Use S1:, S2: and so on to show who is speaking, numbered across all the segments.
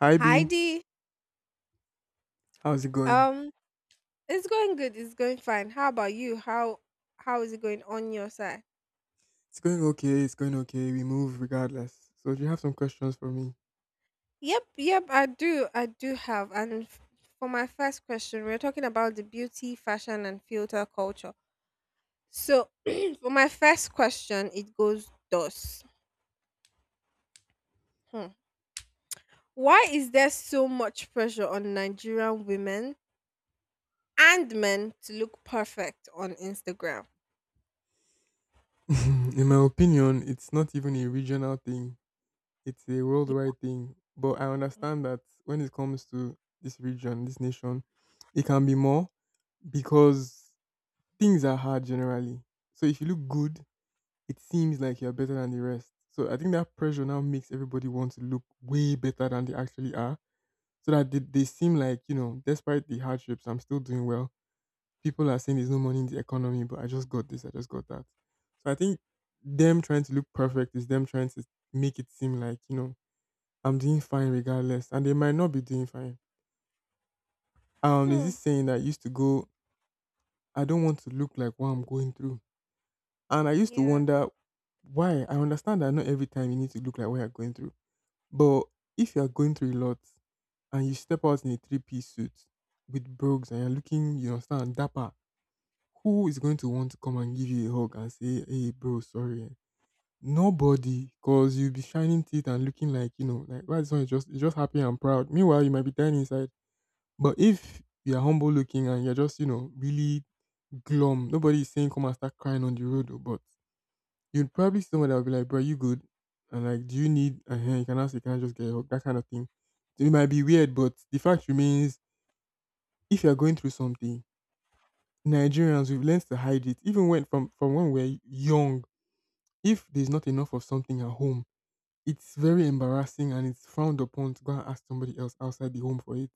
S1: Hi
S2: Hi
S1: B,
S2: Dee.
S1: how's it going?
S2: Um, it's going good. It's going fine. How about you? How is it going on your side?
S1: It's going okay, it's going okay. We move regardless. So, do you have some questions for me?
S2: Yep, yep. I do. I do have. For my first question, we're talking about the beauty, fashion, and filter culture. So for my first question, it goes thus: hmm. Why is there so much pressure on Nigerian women and men to look perfect on Instagram?
S1: In my opinion, it's not even a regional thing, it's a worldwide thing. But I understand that when it comes to this region, this nation, it can be more because things are hard generally. So, if you look good, it seems like you're better than the rest. So, I think that pressure now makes everybody want to look way better than they actually are so that they seem like, you know, despite the hardships, I'm still doing well. People are saying there's no money in the economy, but I just got this, I just got that. So I think them trying to look perfect is them trying to make it seem like, you know, I'm doing fine regardless. And they might not be doing fine. There's
S2: Hmm.
S1: this saying that used to go, I don't want to look like what I'm going through. And I used to
S2: Yeah.
S1: wonder why. I understand that not every time you need to look like what you're going through. But if you're going through a lot and you step out in a three-piece suit with brogues and you're looking, you understand, dapper, who is going to want to come and give you a hug and say, "Hey, bro, sorry"? Nobody, cause you'll be shining teeth and looking like, you know, like why this one is just happy and proud. Meanwhile, you might be dying inside. But if you're humble looking and you're just, you know, really glum, nobody is saying come and start crying on the road. Though. But you'd probably see someone that will be like, "Bro, you good?" And like, "Do you need a hand?" You can ask. You can just get a hug. That kind of thing. So, it might be weird, but the fact remains: if you're going through something, Nigerians, we've learned to hide it. Even when from when we're young, if there's not enough of something at home, it's very embarrassing and it's frowned upon to go and ask somebody else outside the home for it.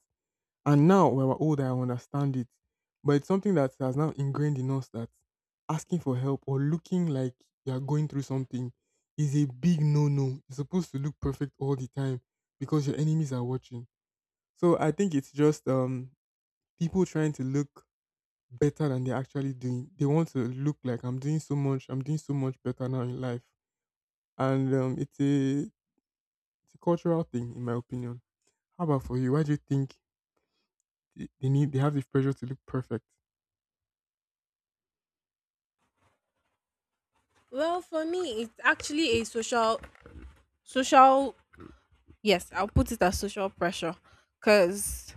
S1: And now when we're older, I understand it. But it's something that has now ingrained in us that asking for help or looking like you're going through something is a big no no. You're supposed to look perfect all the time because your enemies are watching. So I think it's just people trying to look better than they're actually doing. They want to look like I'm doing so much, I'm doing so much better now in life, and it's a cultural thing, in my opinion. How about for you? Why do you think they have the pressure to look perfect?
S2: Well, for me, it's actually a social yes, I'll put it as social pressure because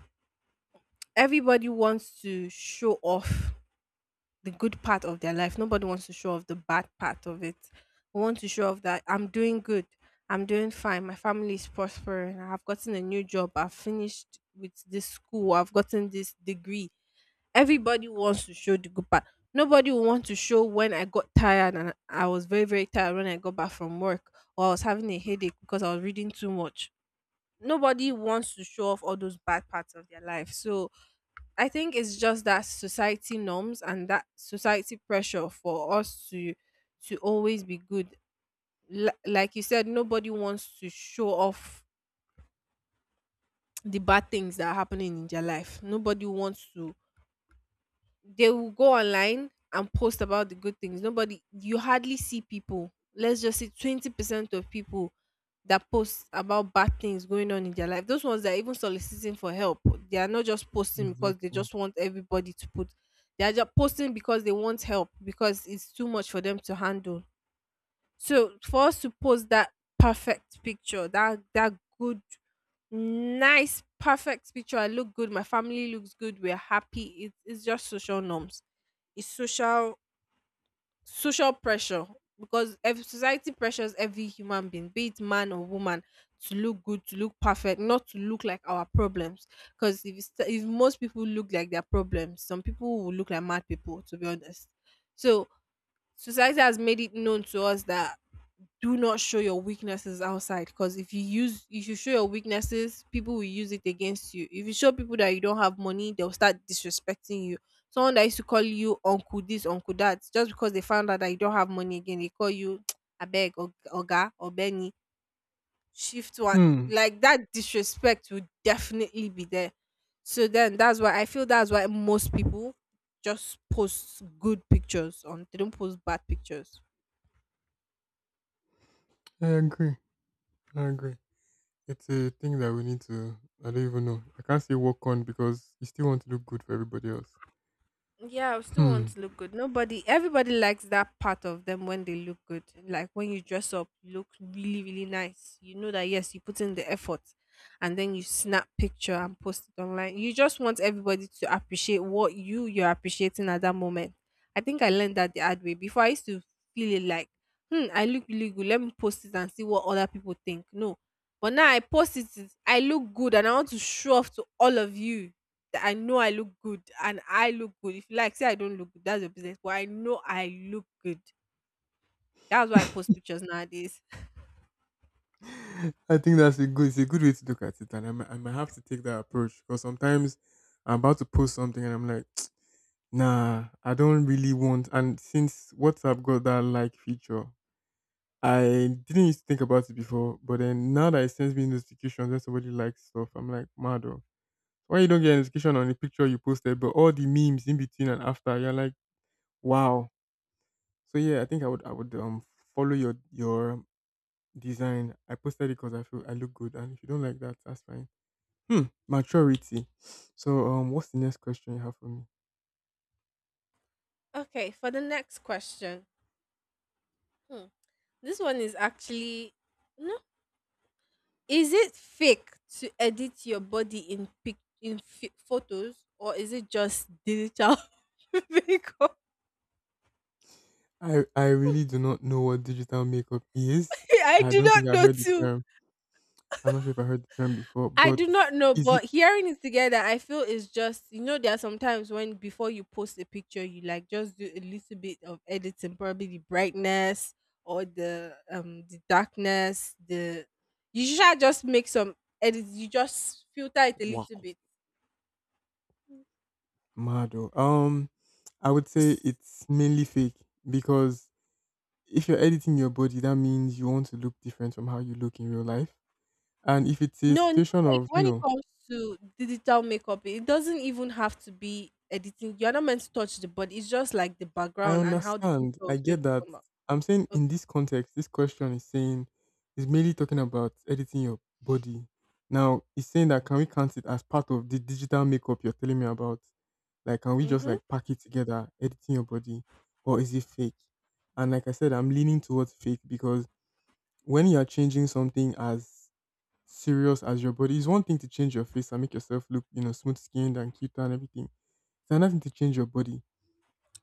S2: everybody wants to show off the good part of their life. Nobody wants to show off the bad part of it. We want to show off that I'm doing good, I'm doing fine, my family is prospering, I've gotten a new job, I've finished with this school, I've gotten this degree. Everybody wants to show the good part. Nobody will want to show when I got tired and I was very, very tired when I got back from work or I was having a headache because I was reading too much, nobody wants to show off all those bad parts of their life. So I think it's just that society norms and that society pressure for us to always be good. Like you said, nobody wants to show off the bad things that are happening in their life. Nobody wants to, they will go online and post about the good things. Nobody, you hardly see people. Let's just say 20% of people that post about bad things going on in their life. Those ones that are even soliciting for help, they are not just posting because they
S1: Exactly.
S2: just want everybody to put. They are just posting because they want help because it's too much for them to handle. So for us to post that perfect picture, that good, nice, perfect picture. I look good. My family looks good. We're happy. It's just social norms, is social pressure because society pressures every human being, be it man or woman, to look good, to look perfect, not to look like our problems because if if most people look like their problems, some people will look like mad people, to be honest. So society has made it known to us that do not show your weaknesses outside because if you show your weaknesses, people will use it against you. If you show people that you don't have money, they'll start disrespecting you. Someone that used to call you uncle this, uncle that, just because they found out that you don't have money again, they call you abeg oga or benny, shift one,
S1: Hmm.
S2: like that. Disrespect will definitely be there. So then that's why most people just post good pictures on, they don't post bad pictures.
S1: I agree. I agree. It's a thing that we need to. I don't even know. I can't say work on because you still want to look good for everybody else.
S2: Yeah, I still
S1: Hmm.
S2: want to look good. Nobody, everybody likes that part of them when they look good. Like when you dress up, you look really, really nice. You know that, yes, you put in the effort and then you snap picture and post it online. You just want everybody to appreciate what you're appreciating at that moment. I think I learned that the hard way. Before I used to feel it like, hmm, I look really good. Let me post it and see what other people think. No. But now I post it, I look good and I want to show off to all of you. I know I look good and I look good. If you like, say I don't look good, that's your business. But I know I look good. That's why I post pictures nowadays.
S1: I think that's a good. It's a good way to look at it, and I might have to take that approach because sometimes I'm about to post something and I'm like, nah, I don't really want. And since WhatsApp got that like feature, I didn't used to think about it before, but then now that it sends me notifications when somebody likes stuff, I'm like, mad oh. Why you don't get a notification on the picture you posted, but all the memes in between and after, you're like, wow. So yeah, I think I would follow your design. I posted it because I feel I look good, and if you don't like that, that's fine. Hmm, maturity. So what's the next question you have for me?
S2: Okay, for the next question. Hmm. This one is actually, no. Is it fake to edit your body in photos, or is it just digital makeup?
S1: I really do not know what digital makeup is.
S2: I
S1: I
S2: do
S1: don't think
S2: not
S1: I've
S2: know
S1: heard the
S2: too.
S1: term. I'm not sure if I heard the term before,
S2: I
S1: but
S2: do not know,
S1: is it
S2: but hearing it together, I feel is just, you know, there are sometimes when before you post a picture, you like just do a little bit of editing, probably the brightness or the the darkness. The you should just make some edits. You just filter it a
S1: wow?
S2: little bit.
S1: Mad oh. I would say
S2: S-
S1: it's mainly fake because if you're editing your body, that means you want to look different from how you look in real life. And if it's a
S2: No,
S1: situation
S2: normally
S1: of, you
S2: when it
S1: know,
S2: comes to digital makeup, it doesn't even have to be editing. You're not meant to touch the body. It's just like the
S1: I
S2: background and how the
S1: understand,
S2: picture
S1: I
S2: is going
S1: get that.
S2: to come up.
S1: I'm saying in
S2: Okay.
S1: this context, this question is saying, is mainly talking about editing your body. Now, it's saying that can we count it as part of the digital makeup you're telling me about? Like, can we just
S2: Mhm.
S1: like pack it together, editing your body, or is it fake? And like I said, I'm leaning towards fake because when you are changing something as serious as your body, it's one thing to change your face and make yourself look, you know, smooth skinned and cute and everything. It's another thing to change your body.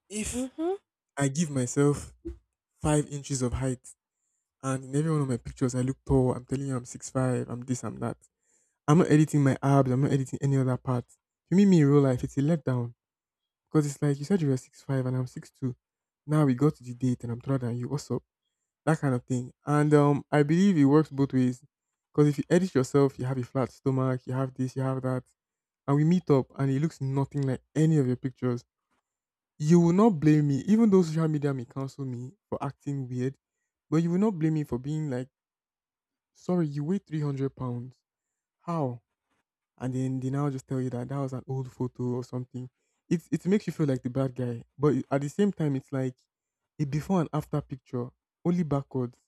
S1: If
S2: Mhm.
S1: I give myself 5 inches of height and in every one of my pictures I look tall, I'm telling you I'm 6'5", I'm this, I'm that. I'm not editing my abs, I'm not editing any other part. If you meet me in real life, it's a letdown. Because it's like you said you were 6'5" and I'm 6'2". Now we got to the date and I'm taller than you also. That kind of thing. And I believe it works both ways because if you edit yourself, you have a flat stomach, you have this, you have that, and we meet up and it looks nothing like any of your pictures. You will not blame me, even though social media may cancel me for acting weird, but you will not blame me for being like, sorry, you weigh 300 pounds. How? And then they now just tell you that that was an old photo or something. It makes you feel like the bad guy. But at the same time, it's like a before and after picture, only backwards.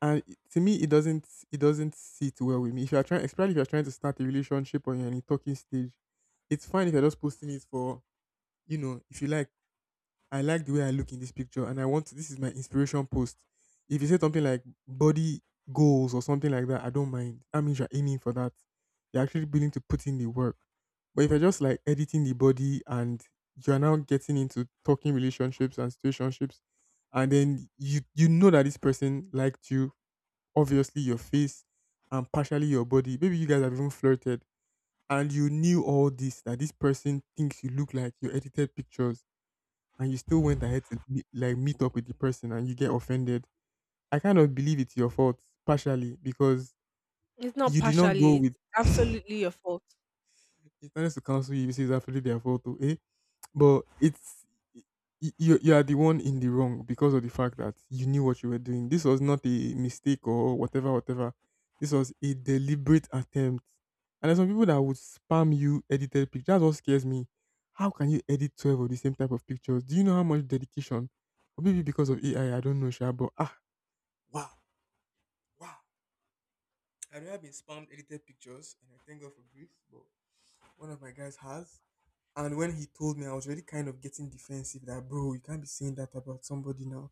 S1: And to me, it doesn't sit well with me. If you're trying, especially if you're trying to start a relationship or you're in a talking stage, it's fine if you're just posting it for, you know, if you like. I like the way I look in this picture, and I want to, this is my inspiration post. If you say something like body goals or something like that, I don't mind. That means you're aiming for that. You're actually willing to put in the work. But if you're just like editing the body and you're now getting into talking relationships and situationships, and then you know that this person liked you, obviously your face and partially your body. Maybe you guys have even flirted and you knew all this, that this person thinks you look like your edited pictures and you still went ahead to meet up with the person and you get offended. I kind of believe it's your fault partially because
S2: It's not
S1: you did not go
S2: partially,
S1: with
S2: it's absolutely your fault.
S1: he tends to counsel you. He says, absolutely their fault, too, eh? But it's y- you. You are the one in the wrong because of the fact that you knew what you were doing. This was not a mistake or whatever, whatever. This was a deliberate attempt. And there's some people that would spam you edited pictures. That's what scares me. How can you edit 12 of the same type of pictures? Do you know how much dedication? Or maybe because of AI, I don't know, Sha. But ah, wow, wow. I've never been spammed edited pictures, and I thank God for grace. But one of my guys has. And when he told me, I was already kind of getting defensive that, bro, you can't be saying that about somebody now.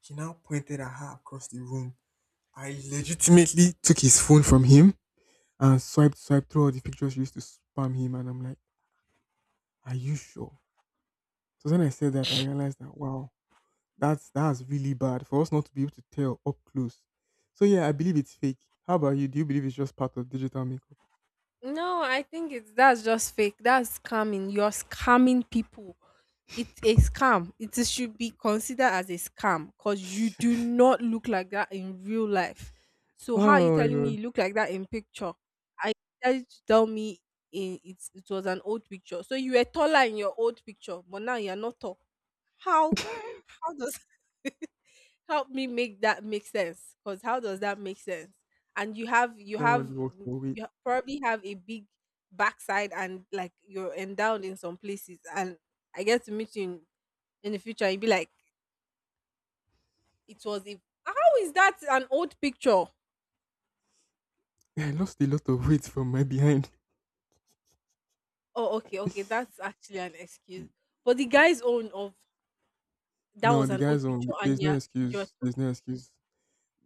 S1: He now pointed at her across the room. I legitimately took his phone from him and swiped through all the pictures she used to spam him. And I'm like, are you sure? So when I said that, I realized that, wow, that's really bad for us not to be able to tell up close. So yeah, I believe it's fake. How about you? Do you believe it's just part of digital makeup?
S2: No, I think it's that's just fake. That's scamming. You're scamming people. It's a scam. It is- should be considered as a scam because you do not look like that in real life. So how are you
S1: Oh my
S2: telling me
S1: god,
S2: you look like that in picture? I tell you to tell me in, it's it was an old picture. So you were taller in your old picture, but now you're not tall. How how does help me make that make sense, because how does that make sense? And you have you
S1: that one
S2: have
S1: really works for weight.
S2: you ha- probably have a big backside and like you're endowed in some places, and I get to meet you in the future, you'd be like it was a, how is that an old picture?
S1: I lost a lot of weight from my behind.
S2: Oh, okay, okay, that's actually an excuse. But the guy's own of that
S1: No,
S2: was
S1: the
S2: an
S1: guy's
S2: old
S1: on.
S2: picture,
S1: There's
S2: and
S1: no
S2: yeah, you're
S1: excuse. There's no excuse.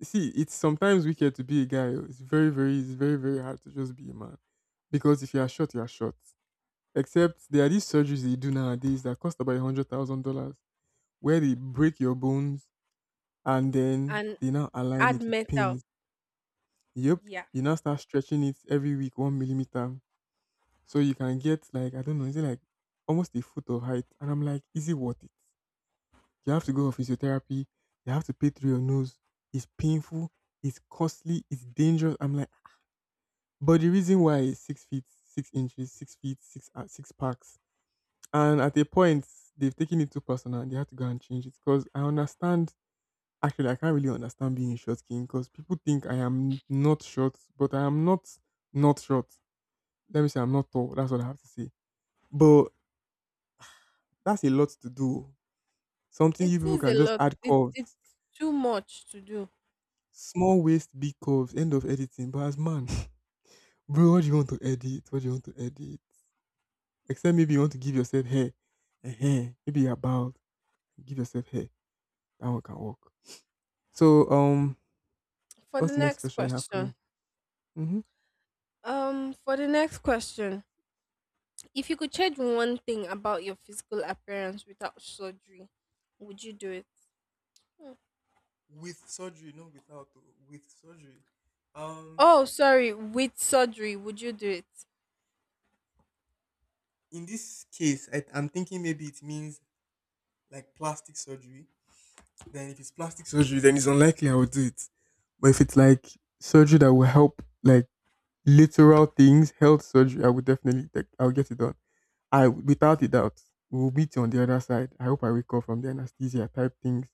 S1: See, it's sometimes wicked to be a guy oh. It's it's very, very hard to just be a man. Because if you are short, you are short. Except there are these surgeries they do nowadays that cost about $100,000, where they break your bones and then
S2: and
S1: they now align
S2: add
S1: it with
S2: metal,
S1: pins. Yep,
S2: yeah.
S1: you now start stretching it every week 1 millimeter, so you can get like, I don't know, is it like almost a foot of height? And I'm like, is it worth it? You have to go for physiotherapy. You have to pay through your nose. It's painful. It's costly. It's dangerous. I'm like, but the reason why is six feet, six inches, six feet, six packs. And at a point, they've taken it too personal. They had to go and change it because I understand. Actually, I can't really understand being a short king because people think I am not short, but I am not not short. Let me say I'm not tall. That's what I have to say. But that's a lot to do. Something
S2: It
S1: you people
S2: is a
S1: can just
S2: lot,
S1: add
S2: it,
S1: curves.
S2: it's too much to do.
S1: Small waist, big curves, end of editing. But as man, bro, what do you want to edit? What do you want to edit? Except maybe you want to give yourself hair. Ehen, maybe you're bald. Give yourself hair. That one can work. So, um,
S2: for the
S1: what's the next
S2: next
S1: question you have for me?
S2: question
S1: Mm-hmm.
S2: For the next question, if you could change one thing about your physical appearance without surgery, would you do it? Hmm.
S1: With surgery, not without, oh, with surgery. Um,
S2: Oh, sorry, with surgery, would you do it?
S1: in this case, I'm thinking maybe it means like plastic surgery. Then if it's plastic surgery, then it's unlikely I would do it. But if it's like surgery that will help, like literal things, health surgery, I would definitely like I'll get it done. I without a doubt we'll meet you on the other side. I hope I wake up from the anesthesia type things.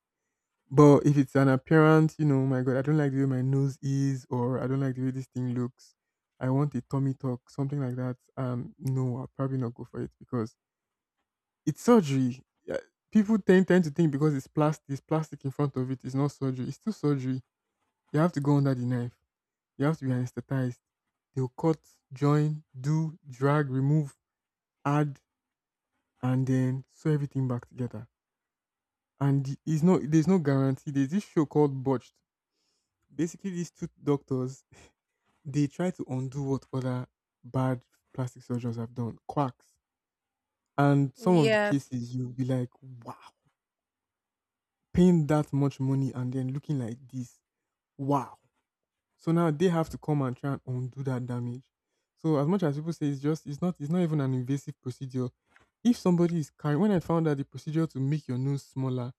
S1: But if it's an appearance, oh my God, I don't like the way my nose is, or I don't like the way this thing looks. I want a tummy talk, something like that. No, I'll probably not go for it because it's surgery. Yeah, people tend to think because it's plastic in front of it, it's not surgery. It's still surgery. You have to go under the knife. You have to be anesthetized. They'll cut, join, do, drag, remove, add, and then sew everything back together. And it's no, there's no guarantee. There's this show called Botched. Basically, these two doctors they try to undo what other bad plastic surgeons have done, quacks. And some of the
S2: Yes.
S1: cases you'll be like, wow, paying that much money and then looking like this, wow. So now they have to come and try and undo that damage. So as much as people say it's just it's not even an invasive procedure. If somebody is carrying when I found out the procedure to make your nose smaller,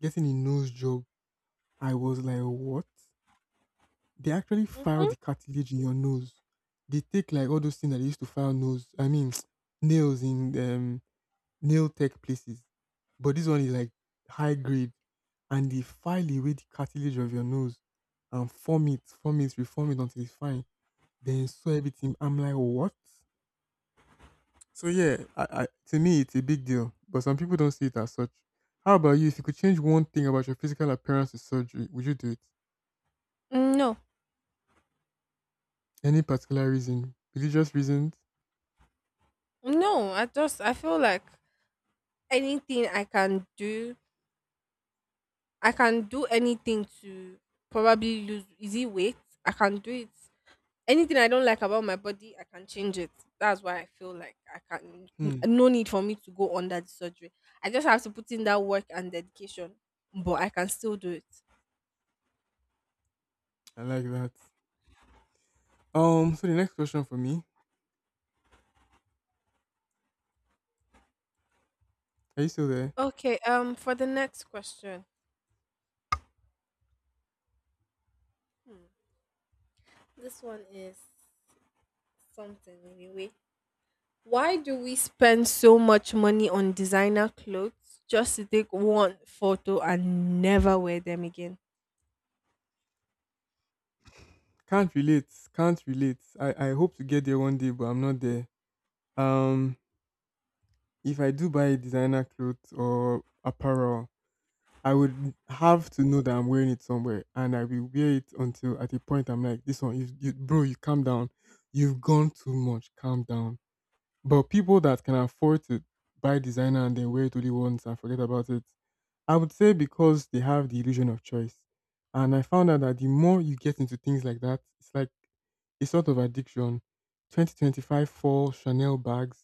S1: getting a nose job, I was like, what? They actually file
S2: Mm-hmm.
S1: the cartilage in your nose. They take like all those things that they used to file nose, I mean nails in nail tech places. But this one is like high grade and they file away the cartilage of your nose and form it, reform it until it's fine. Then saw everything. I'm like, what? So yeah, to me it's a big deal, but some people don't see it as such. How about you? If you could change one thing about your physical appearance with surgery, would you do it?
S2: No,
S1: Any particular reason? Religious reasons?
S2: no. I feel like anything I can do anything to probably lose. Is it weight? I can do it. Anything I don't like about my body, I can change it. That's why I feel like I can.
S1: Hmm,
S2: No need for me to go under the surgery. I just have to put in that work and dedication, but I can still do it.
S1: I like that. So the next question for me. Are you still there?
S2: Okay. For the next question, this one is something anyway. Why do we spend so much money on designer clothes just to take one photo and never wear them again?
S1: Can't relate. Can't relate. I hope to get there one day, but I'm not there. Um, if I do buy designer clothes or apparel, I would have to know that I'm wearing it somewhere, and I will wear it until at a point I'm like, "This one, you bro, you calm down. You've gone too much. Calm down." But people that can afford to buy designer and then wear it only once and forget about it, I would say because they have the illusion of choice. And I found out that the more you get into things like that, it's like a sort of addiction. 2025 fall Chanel bags,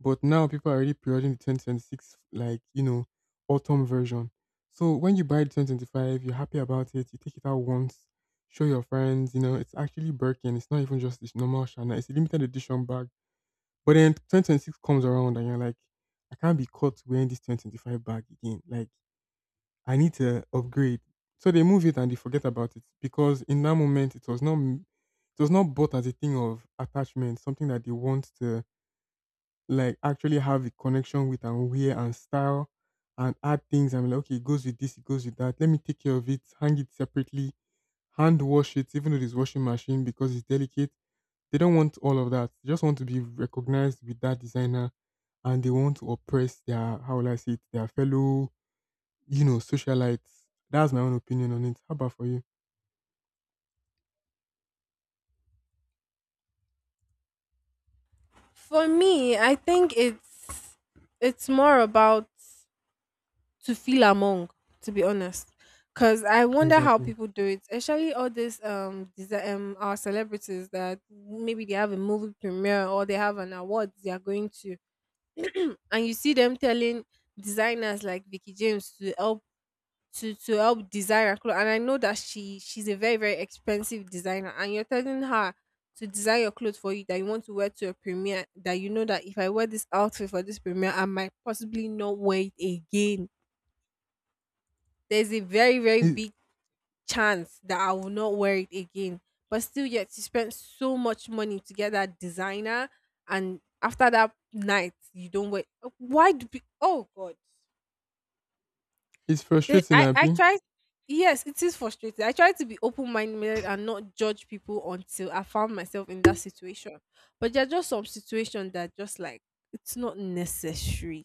S1: but now people are already pre-ordering the 2026 like autumn version. So when you buy the 2025, you're happy about it. You take it out once, show your friends. You know it's actually Birkin. It's not even just this normal Chanel. It's a limited edition bag. But then 2026 comes around and you're like, I can't be caught wearing this 2025 bag again. Like I need to upgrade. So they move it and they forget about it because in that moment it was not bought as a thing of attachment, something that they want to like actually have a connection with and wear and style and add things. I'm like, okay, it goes with this, it goes with that. Let me take care of it, hang it separately, hand wash it, even though there's washing machine because it's delicate. They don't want all of that. They just want to be recognized with that designer and they want to oppress their how will I say it, their fellow socialites. That's my own opinion on it. How about for you?
S2: For me, I think it's more about to feel among, to be honest, because I wonder how
S1: Exactly.
S2: people do it, especially all these our celebrities that maybe they have a movie premiere or they have an award they are going to and you see them telling designers like Vicky James to help to help design her clothes. And I know that she's a very, very expensive designer, and you're telling her to design your clothes for you that you want to wear to a premiere, that you know that if I wear this outfit for this premiere, I might possibly not wear it again. There's a very, very
S1: It,
S2: big chance that I will not wear it again. But still, yet you spent so much money to get that designer, and after that night, you don't wear. Why do? Be, oh God.
S1: it's frustrating,
S2: I
S1: Abby.
S2: try. Yes, it is frustrating. I try to be open minded and not judge people until I found myself in that situation. But there are just some situations that just like it's not necessary.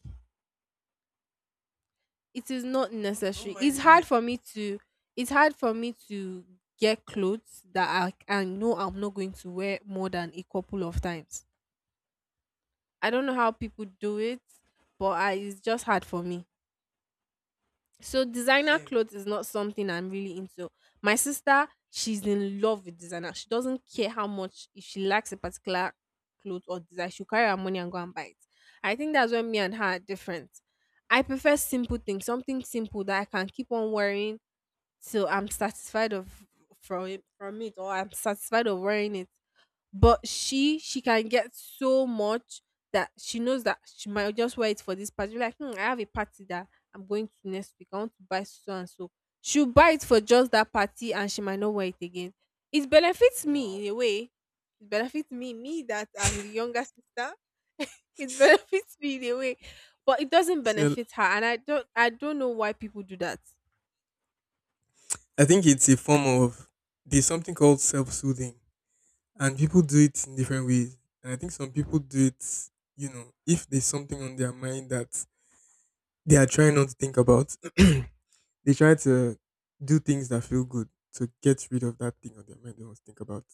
S2: It is not necessary. It's hard for me to get clothes that I know I'm not going to wear more than a couple of times. I don't know how people do it, but I, it's just hard for me. So designer clothes is not something I'm really into. My sister, she's in love with designer. She doesn't care how much, if she likes a particular clothes or design, she'll carry her money and go and buy it. I think that's where me and her are different. I prefer simple things, something simple that I can keep on wearing so I'm satisfied of from it, or I'm satisfied of wearing it. But she can get so much that she knows that she might just wear it for this party. Be like, hmm, I have a party that I'm going to next week. I want to buy so and so. She'll buy it for just that party and she might not wear it again. It benefits me
S1: Wow.
S2: in a way. It benefits me, me that I'm the younger sister. It benefits me in a way. But it doesn't
S1: So
S2: benefit her. And I don't know why people do that.
S1: I think it's a form of there's something called self-soothing, and people do it in different ways. And I think some people do it, you know, if there's something on their mind that they are trying not to think about, they try to do things that feel good to get rid of that thing on their mind they want to think about.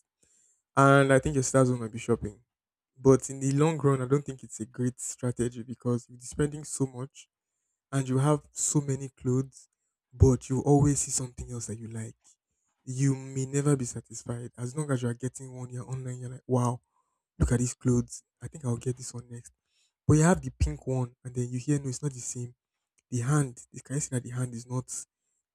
S1: And I think your stars might be shopping. But in the long run, I don't think it's a great strategy because you'll be spending so much and you have so many clothes, but you always see something else that you like. You may never be satisfied as long as you are getting one. You're online. You're like, wow, look at these clothes. I think I'll get this one next. But you have the pink one, and then you hear, no, it's not the same. Can you see that the hand is not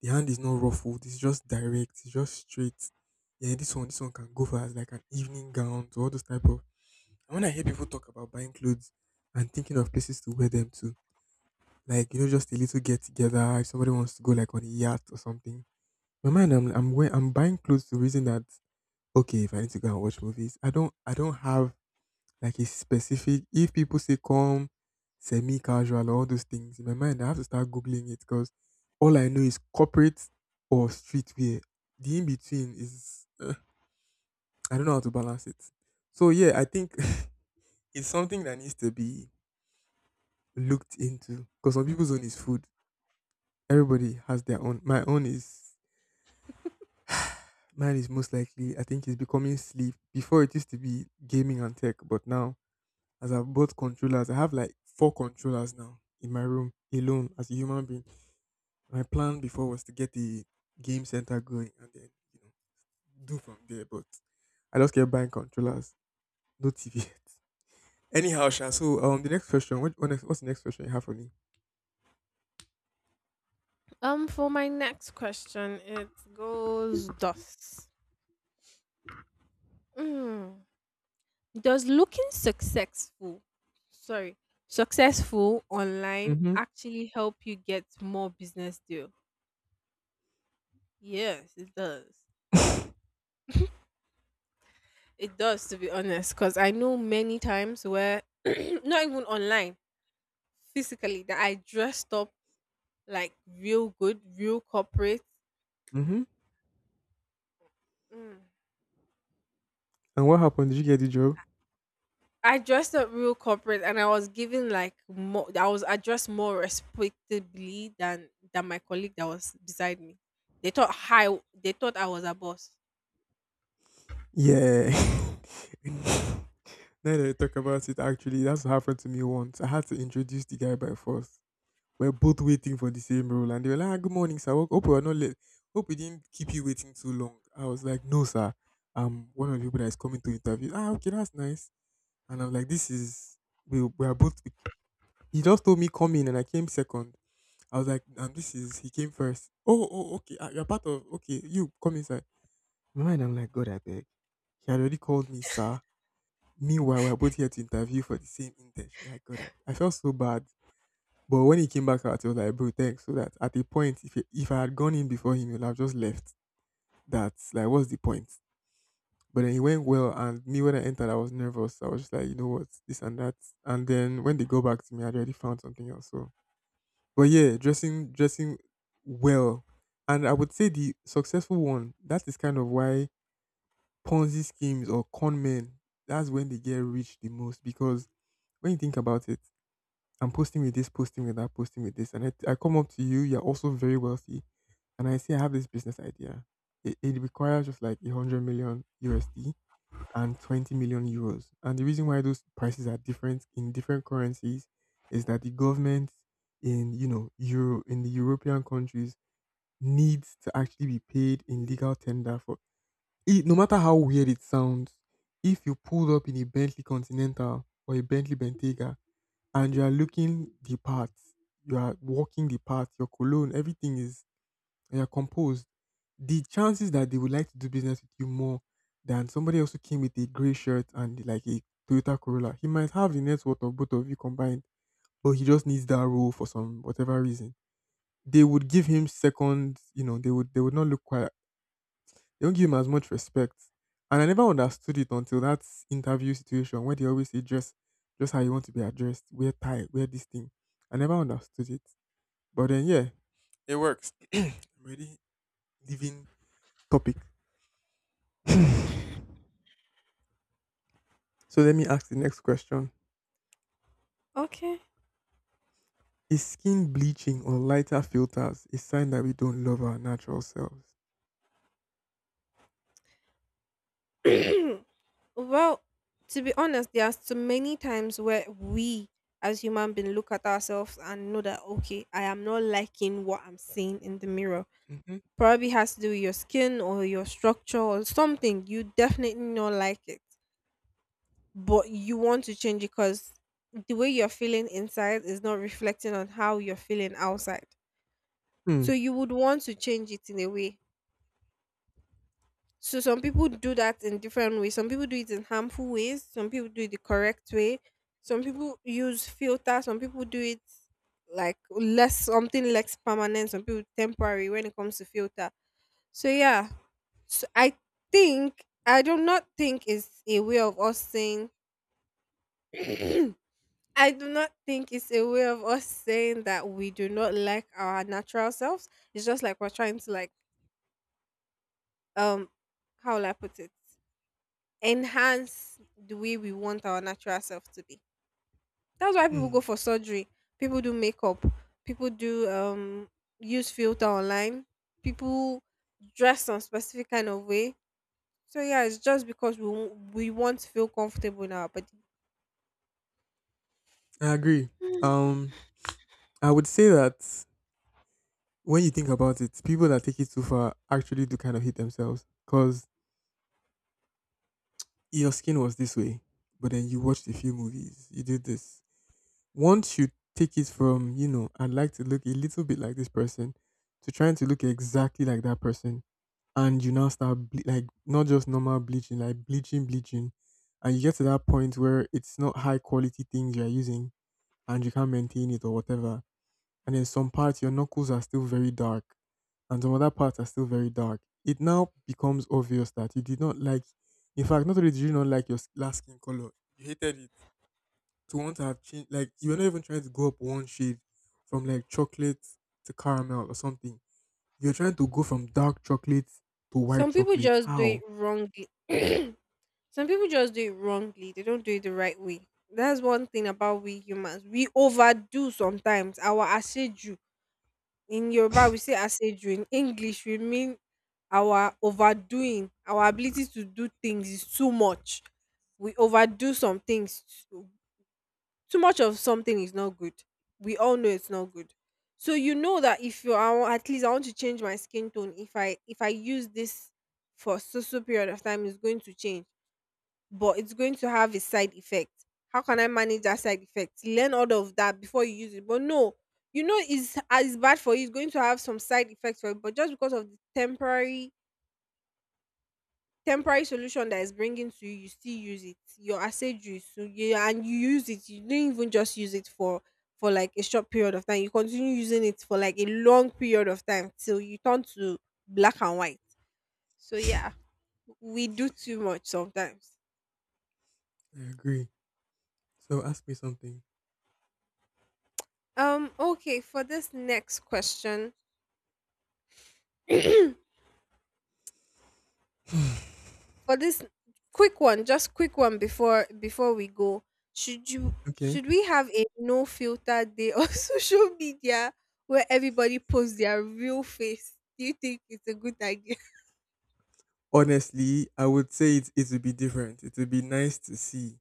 S1: ruffled, it's just direct, it's just straight. Yeah, this one can go for as like an evening gown to all those type of and when I hear people talk about buying clothes and thinking of places to wear them to, like, you know, just a little get together, if somebody wants to go like on a yacht or something. My mind I'm I'm buying clothes to reason that okay, if I need to go and watch movies, I don't have like it's specific. If people say come semi casual or all those things, in my mind, I have to start Googling it because all I know is corporate or streetwear. The in between is, I don't know how to balance it. So, yeah, I think it's something that needs to be looked into because some people's own is food. Everybody has their own. Mine is most likely, I think it's becoming sleep. Before it used to be gaming and tech, but now as I've bought controllers. I have like 4 controllers now in my room alone as a human being. My plan before was to get a game center going and then, you know, do from there. But I just kept buying controllers, no TV yet. Anyhow, Sha, the next question, what's the next question you have for me?
S2: For my next question, it goes thus. Mm. Does looking successful, sorry, successful online
S1: Mm-hmm.
S2: actually help you get more business deal? Yes, it does. It does, to be honest, because I know many times where, not even online, physically, that I dressed up like real good, real corporate.
S1: Mm-hmm.
S2: Mm.
S1: And what happened? Did you get the job?
S2: I dressed up real corporate, and I was given like more. I was addressed more respectably than my colleague that was beside me. They thought high. They thought I was a boss.
S1: Yeah. Now that I talk about it, actually, that's what happened to me once. I had to introduce the guy by force. We're both waiting for the same role, and they were like, ah, "Good morning, sir. Hope we are not late. Hope we didn't keep you waiting too long." I was like, "No, sir. I'm one of the people that is coming to interview." Ah, okay, that's nice. And I was like, "This is we are both." He just told me come in, and I came second. I was like, "And this is he came first. Oh, oh, okay. You're part of okay. You come inside." In my mind, I'm like, "God, I beg." He had already called me, sir. Meanwhile, we're both here to interview for the same internship. Like, God, I felt so bad. But when he came back out, he was like, bro, thanks. So that at a point, if I had gone in before him, he would have just left. That's like, what's the point? But then he went well, and me when I entered, I was nervous. I was just like, you know what, this and that. And then when they go back to me, I already found something else. So, but yeah, dressing well, and I would say the successful one. That is kind of why Ponzi schemes or con men. That's when they get rich the most because when you think about it, I'm posting with this, posting with that, posting with this. And I come up to you, you're also very wealthy. And I say, I have this business idea. It requires just like 100 million USD and 20 million euros. And the reason why those prices are different in different currencies is that the government in, Euro, in the European countries needs to actually be paid in legal tender for it. No matter how weird it sounds, if you pulled up in a Bentley Continental or a Bentley Bentayga and you are looking the part, you are walking the part, your cologne, everything is and you're composed. The chances that they would like to do business with you more than somebody else who came with a grey shirt and like a Toyota Corolla. He might have the net worth of both of you combined, but he just needs that role for some whatever reason. They would give him second, they would not look quite. They don't give him as much respect. And I never understood it until that interview situation where they always say dress just how you want to be addressed, wear tie, wear this thing. I never understood it. But then yeah, it works. I'm already leaving topic. So let me ask the next question.
S2: Okay.
S1: Is skin bleaching or lighter filters a sign that we don't love our natural selves?
S2: well, to be honest, there are so many times where we as human beings look at ourselves and know that okay, I am not liking what I'm seeing in the mirror.
S1: Hmm.
S2: Probably has to do with your skin or your structure or something. You definitely not like it. But you want to change it because the way you're feeling inside is not reflecting on how you're feeling outside.
S1: Hmm.
S2: So you would want to change it in a way. So some people do that in different ways. Some people do it in harmful ways. Some people do it the correct way. Some people use filter. Some people do it like less something less permanent. Some people temporary when it comes to filter. So yeah, so I think I do not think it's a way of us saying I do not think it's a way of us saying that we do not like our natural selves. It's just like we're trying to like um how will I put it? Enhance the way we want our natural self to be. That's why people go
S1: Hmm.
S2: for surgery. People do makeup. People do use filter online. People dress on specific kind of way. So yeah, it's just because we want to feel comfortable in our body.
S1: I agree.
S2: Mm.
S1: Um, I would say that when you think about it, people that take it too far actually do kind of hate themselves because your skin was this way, but then you watched a few movies, you did this. Once you take it from, I'd like to look a little bit like this person to trying to look exactly like that person, and you now start like not just normal bleaching, like bleaching, bleaching, and you get to that point where it's not high quality things you're using and you can't maintain it or whatever, and then some parts your knuckles are still very dark and some other parts are still very dark. It now becomes obvious that you did not like. In fact, not only did you not like your last skin color, you hated it to want to have changed. Like, you were not even trying to go up one shade from like chocolate to caramel or something. You're trying to go from dark chocolate to white
S2: Some people
S1: chocolate.
S2: just do it
S1: How?
S2: wrongly. Some people just do it wrongly. They don't do it the right way. That's one thing about we humans. We overdo sometimes our aseju. In Yoruba, we say aseju. In English, we mean our overdoing. Our ability to do things is too much. We overdo some things. Too too much of something is not good. We all know it's not good. So you know that if you are at least I want to change my skin tone. If I use this for so so period of time, it's going to change but it's going to have a side effect. How can I manage that side effect? Learn all of that before you use it. But no, you know it's as bad for you. It's going to have some side effects for it. But just because of the temporary solution that is bringing to you, you still use it. Your asset so yeah, and you use it. You didn't even just use it for like a short period of time. You continue using it for like a long period of time till you turn to black and white. So
S1: I
S2: yeah, we do too much sometimes.
S1: agree. So ask me something.
S2: Okay, for this next question, for this quick one, just quick one before we go. Should you
S1: Okay.
S2: should we have a no filter day on social media where everybody posts their real face? Do you think it's a good idea?
S1: Honestly, I would say it would be different. It would be nice to see.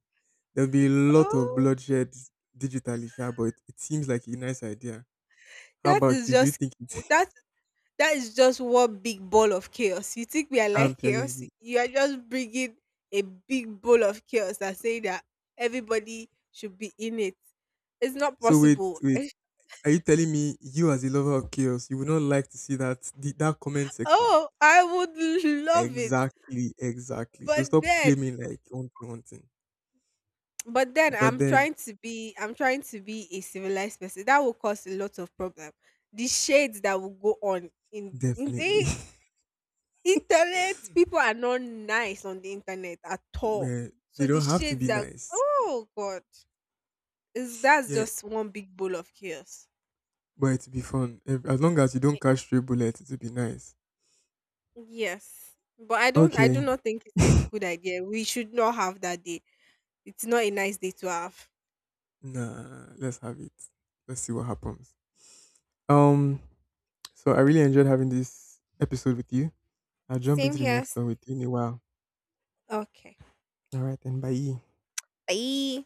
S1: There'll be a lot of
S2: Oh,
S1: bloodshed digitally, sha, but it seems like a nice idea. How
S2: that
S1: about
S2: is
S1: you? Do you
S2: just
S1: think it's?
S2: that that is just one big ball of chaos. You think we are
S1: I'm
S2: like
S1: telling
S2: chaos?
S1: you.
S2: You are just bringing a big bowl of chaos and saying that everybody should be in it. It's not
S1: So wait,
S2: possible.
S1: wait. Are you telling me you as a lover of chaos, you would not like to see that comment section?
S2: Oh, I would love it.
S1: Exactly, exactly. So
S2: But
S1: stop
S2: then,
S1: claiming like you want one thing.
S2: but then
S1: But
S2: I'm
S1: then
S2: trying to be, I'm trying to be a civilized person. That will cause a lot of problem. The shades that will go on in
S1: definitely.
S2: eh, Internet people are not nice on the internet at all.
S1: Where they
S2: So the
S1: don't have to
S2: shades
S1: be
S2: that
S1: nice.
S2: oh god, is that's
S1: Yeah,
S2: just one big bowl of chaos.
S1: but it'll be fun. If, As long as you don't catch stray bullets, it'll be nice.
S2: Yes, but I don't. I do
S1: Okay.
S2: not think it's a good idea. We should not have that day. It's not a nice day to have.
S1: Nah, let's have it. Let's see what happens. Um, so I really enjoyed having this episode with you. I'll jump
S2: Same
S1: into the
S2: here.
S1: next
S2: S-
S1: one with you in a while.
S2: Okay.
S1: All right, then bye.
S2: Bye.